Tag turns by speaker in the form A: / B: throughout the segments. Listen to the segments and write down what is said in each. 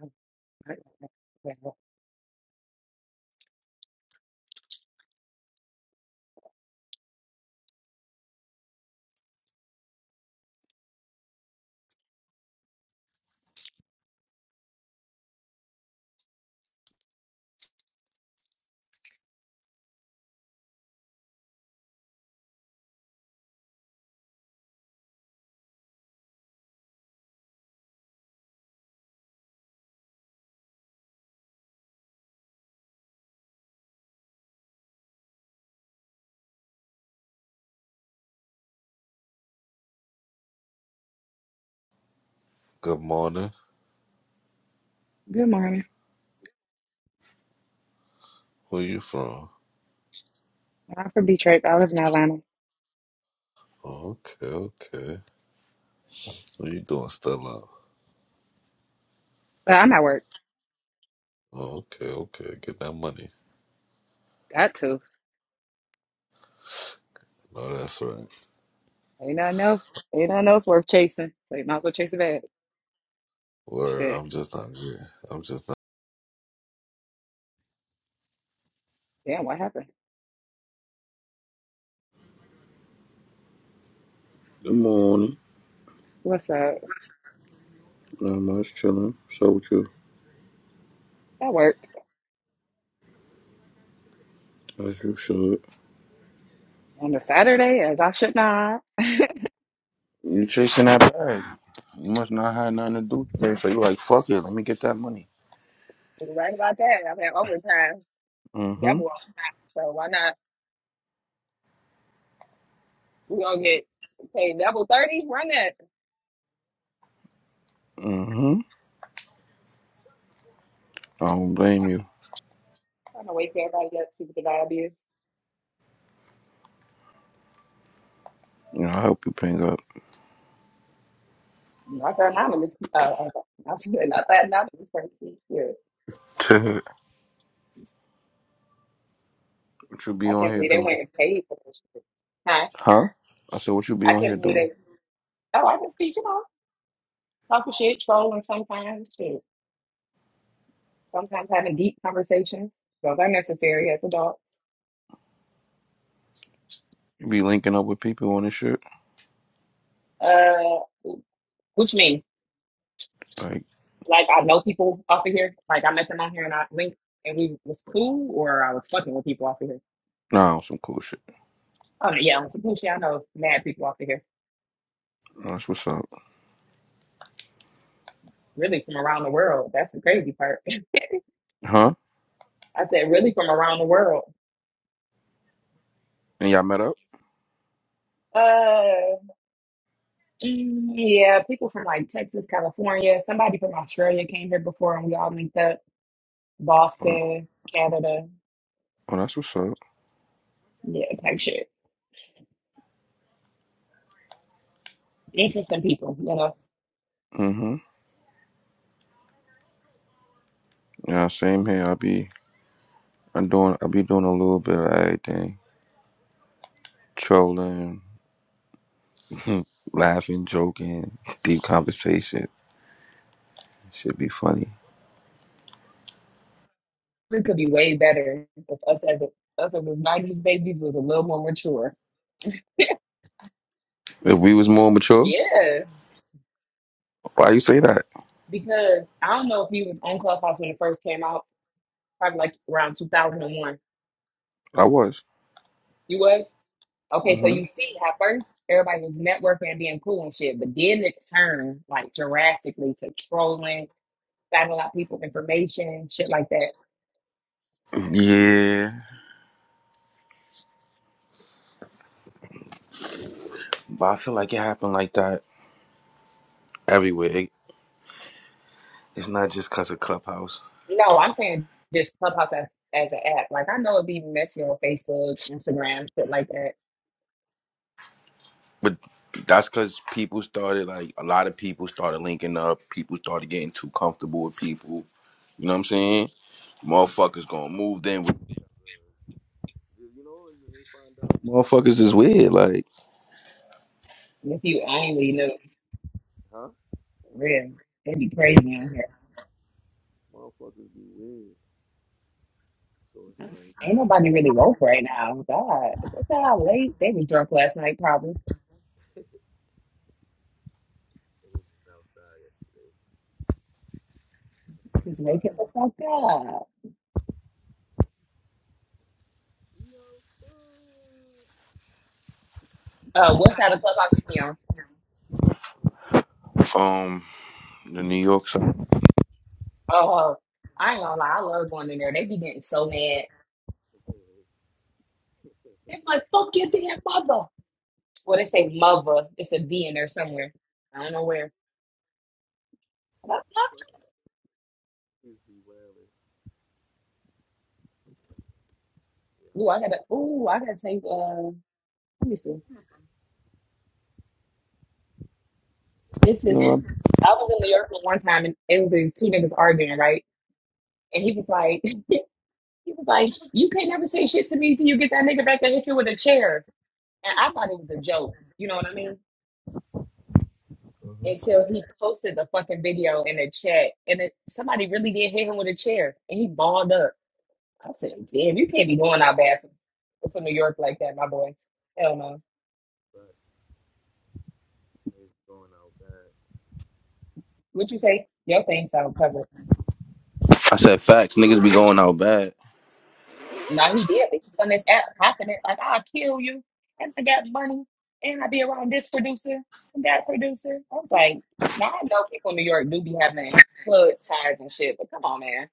A: Good
B: Good morning.
A: morning.
B: Where you from?
A: I'm from Detroit. but I live in Atlanta.
B: Oh, okay, okay. What you doing, Stella?
A: But I'm at work.
B: Oh, okay, okay. Get that money.
A: Got to.
B: No, that's right.
A: Ain't nothing else. Ain't nothing else worth chasing. So you might as well chase it back.
B: Word.
A: Shit.
B: I'm just not getting. I'm just not.
A: Damn, what happened?
C: Good morning.
A: What's up?
C: Not much chilling. So with you,
A: At work.
C: as you should.
A: On a Saturday, as I should not.
C: You chasing that bag. You must not have nothing to do today, so you like, fuck it, let me get that money.
A: You're Right about that. I've had overtime.
C: Mm-hmm.
A: Double. So why not? We gonna get paid double thirty? Run that.
C: Mm-hmm. I don't
A: I'm
C: blame you.
A: trying to wake everybody up, see what the vibe is.
C: You know, I help you ping up.
A: Not that anonymous uh, uh, not that anonymous person. Yeah.
C: what you be
A: I
C: on
A: can't
C: here
A: believe they
C: doing?
A: went and paid for this shit. Huh?
C: Huh? I said, what you be
A: I
C: on here
A: can't believe
C: doing?
A: they. Oh, I can see you know talking shit, trolling sometimes, shit. Sometimes having deep conversations. Those are necessary as adults.
C: You be linking up with people on this shit?
A: Uh, which means
C: Like,
A: like I know people off of here. Like I met them on here and I linked and we was cool, or I was fucking with people off of here.
C: nah, on some cool shit.
A: Oh yeah, on some cool shit. I know mad people off of here.
C: That's what's up.
A: Really from around the world. That's the crazy part.
C: Huh?
A: I said really from around the world.
C: And y'all met up?
A: Uh. Mm, Yeah, people from like Texas, California. Somebody from Australia came here before, and we all linked up.
C: Oh,
A: Boston, Canada,
C: oh that's what's up.
A: yeah, type shit. Interesting people, you know.
C: Mm-hmm. Yeah, same here. I be, I doing, I be doing a little bit of everything. trolling, laughing, joking, deep conversation. Should be funny.
A: We could be way better if us as a, us as those '90s babies was a little more mature.
C: If we was more mature,
A: Yeah,
C: why you say that?
A: because I don't know if you was on Clubhouse when it first came out, probably like around 2001.
C: I was.
A: You was? Okay, so
C: hmm
A: you see how first everybody was networking and being cool and shit, but then it turned like drastically to trolling signing out people's information, shit like that.
C: Yeah, but I feel like it happened like that everywhere. It, it's not just cause of Clubhouse,
A: No, I'm saying just Clubhouse as, as an app. Like I know it'd be messy on Facebook, Instagram, shit like that.
C: but that's cause people started like a lot of people started linking up. People started getting too comfortable with people. You know what I'm saying? Motherfuckers gonna move then. With, you know, motherfuckers is weird. Like,
A: If you only knew,
C: huh?
A: for real, it'd be crazy on here.
C: Motherfuckers be weird. So it's
A: Ain't nobody really woke right now. God, look at how late they was drunk last night. Probably just wake the fuck up. Uh, what side of Clubhouse you be on?
C: like. um. The New York side.
A: Oh, I ain't gonna lie, I love going in there. They be getting so mad. They're like, "Fuck your damn mother." Well, they say mother. It's a V in there somewhere. I don't know where. Ooh, I gotta. Ooh, I gotta take. Uh, let me see. This is.
C: No,
A: I was in New York one time, and it was these two niggas arguing, right? And he was like, he was like, you can't never say shit to me till you get that nigga back that hit you with a chair. And I thought it was a joke. You know what I mean? Until he posted the fucking video in the chat, and it, somebody really did hit him with a chair, and he balled up. I said, damn, you can't be going out bad for, for New York like that, my boy. Hell no. What you say? Your thing sound covered.
C: I said facts. Niggas be going out bad.
A: No, he did. He's on this app popping it like I'll kill you, and I got money, and I be around this producer and that producer. I was like, now I know people in New York do be having plug ties and shit, but come on, man,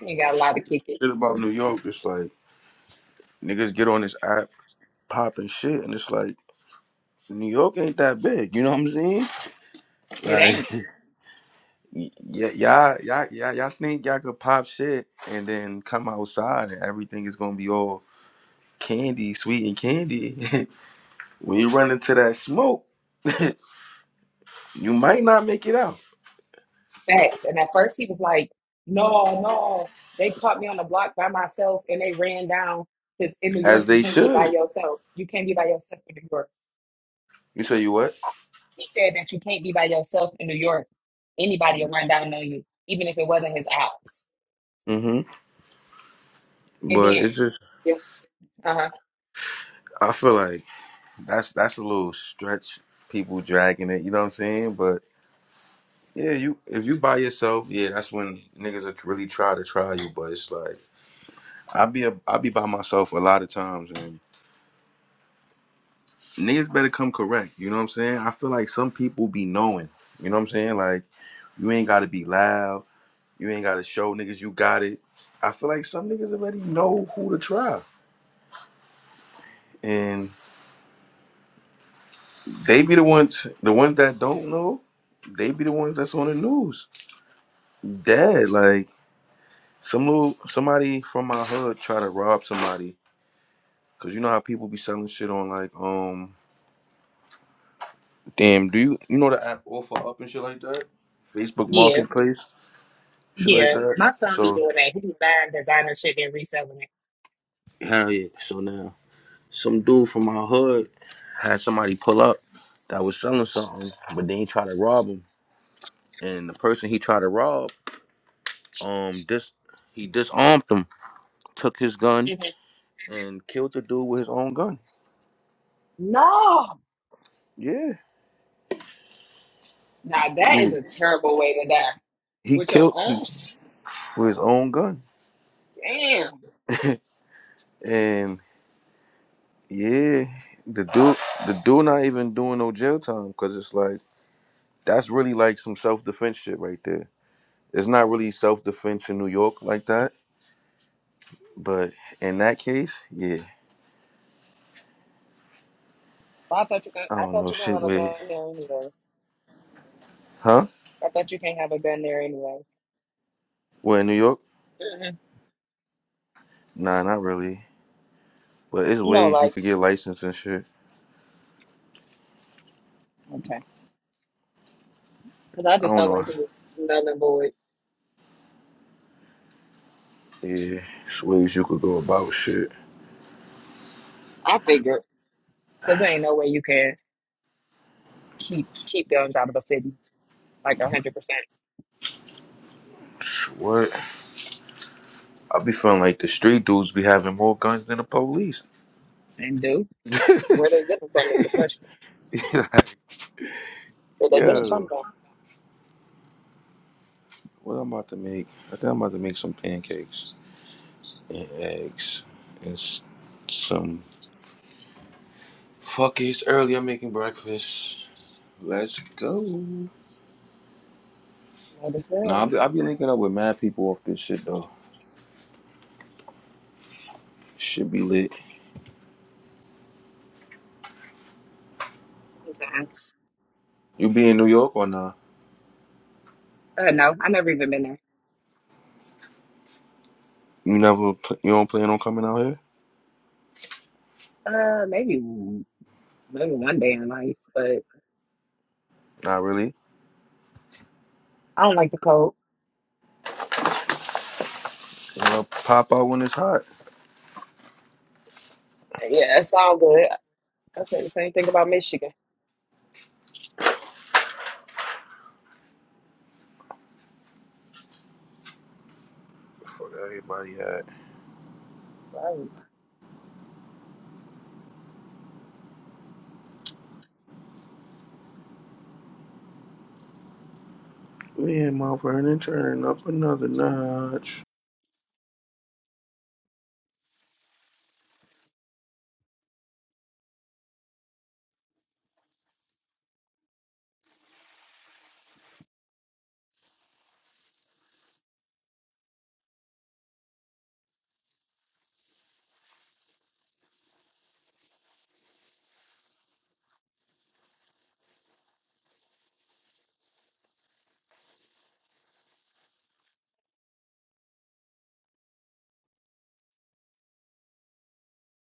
A: you ain't got a lot to kick it.
C: Shit about New York, it's like niggas get on this app popping shit, and it's like New York ain't that big. You know what I'm saying?
A: It
C: Like,
A: ain't
C: y- y- y'all, y'all, y'all, y'all think y'all could pop shit and then come outside and everything is gonna be all candy, sweet and candy. when you run into that smoke, you might not make it out
A: facts. And at first he was like, no, no, they caught me on the block by myself, and they ran down because in New
C: as
A: York you
C: they
A: can't be by
C: should.
A: yourself. You can't be by yourself in New York.
C: You say you what?
A: He said that you can't be by yourself in New York. Anybody will run down on you, even if it wasn't his ops.
C: Mm-hmm.
A: And
C: But
A: then,
C: it's just
A: yeah, uh-huh.
C: I feel like. That's that's a little stretch. People dragging it, you know what I'm saying? But yeah, you if you by yourself, yeah, that's when niggas are really try to try you. But it's like I be a, I be by myself a lot of times, and niggas better come correct. You know what I'm saying? I feel like some people be knowing. You know what I'm saying? Like you ain't gotta be loud. You ain't gotta show niggas you got it. I feel like some niggas already know who to try, and they be the ones the ones that don't know. They be the ones that's on the news. Dead like. Some little, somebody from my hood try to rob somebody because you know how people be selling shit on like um damn do you you know the app offer up and shit like that Facebook
A: yeah,
C: Marketplace shit like
A: yeah.
C: that
A: My son be
C: so
A: doing that. He be buying designer shit and reselling
C: hell yeah so now some dude from my hood had somebody pull up that was selling something but then he tried to rob him and the person he tried to rob um dis he disarmed him took his gun
A: it. hmm
C: and killed the dude with his own gun
A: No,
C: yeah
A: now that
C: he,
A: is a terrible way to die.
C: he
A: With your
C: killed he,
A: own shit,
C: with his own gun
A: damn.
C: And yeah, the dude, the dude, not even doing no jail time because it's like that's really like some self defense shit right there. It's not really self defense in New York like that, but in that case, yeah,
A: Well, I thought you could,
C: I
A: I
C: don't
A: thought
C: know
A: you could
C: shit
A: have a
C: with,
A: gun there anyways.
C: huh?
A: I thought you can't have a gun there anyways.
C: Well, in New York,
A: hmm
C: nah, not really. But it's
A: No,
C: ways you
A: like
C: could get licensed and shit.
A: okay, because I
C: I
A: just
C: don't
A: felt
C: know.
A: like it was nothing void.
C: Yeah, it's ways you could go about shit.
A: I figured because there ain't no way you can keep keep guns out of a city like a hundred percent
C: What? I be feeling like the street dudes be having more guns than the police.
A: and do where they get them from is the question. But they been in
C: Yo.
A: Plumville.
C: What I'm about to make, I think I'm about to make some pancakes and eggs and s- some. Fuck it, it's early. I'm making breakfast. Let's go.
A: Might as
C: Nah, I'll
A: well.
C: be, I'll be linking up with mad people off this shit though. Should be lit.
A: Sometimes.
C: You be in New York or nah?
A: Uh, no, I never even been there.
C: You never, pl- you don't plan on coming out here?
A: Uh, maybe maybe one day in life, but
C: Not really.
A: I don't like the cold.
C: Well, pop out when it's hot.
A: Yeah, it's all good. I said the same thing about Michigan.
C: Fuck everybody at.
A: Right.
C: Me and my Vernon turning up another notch.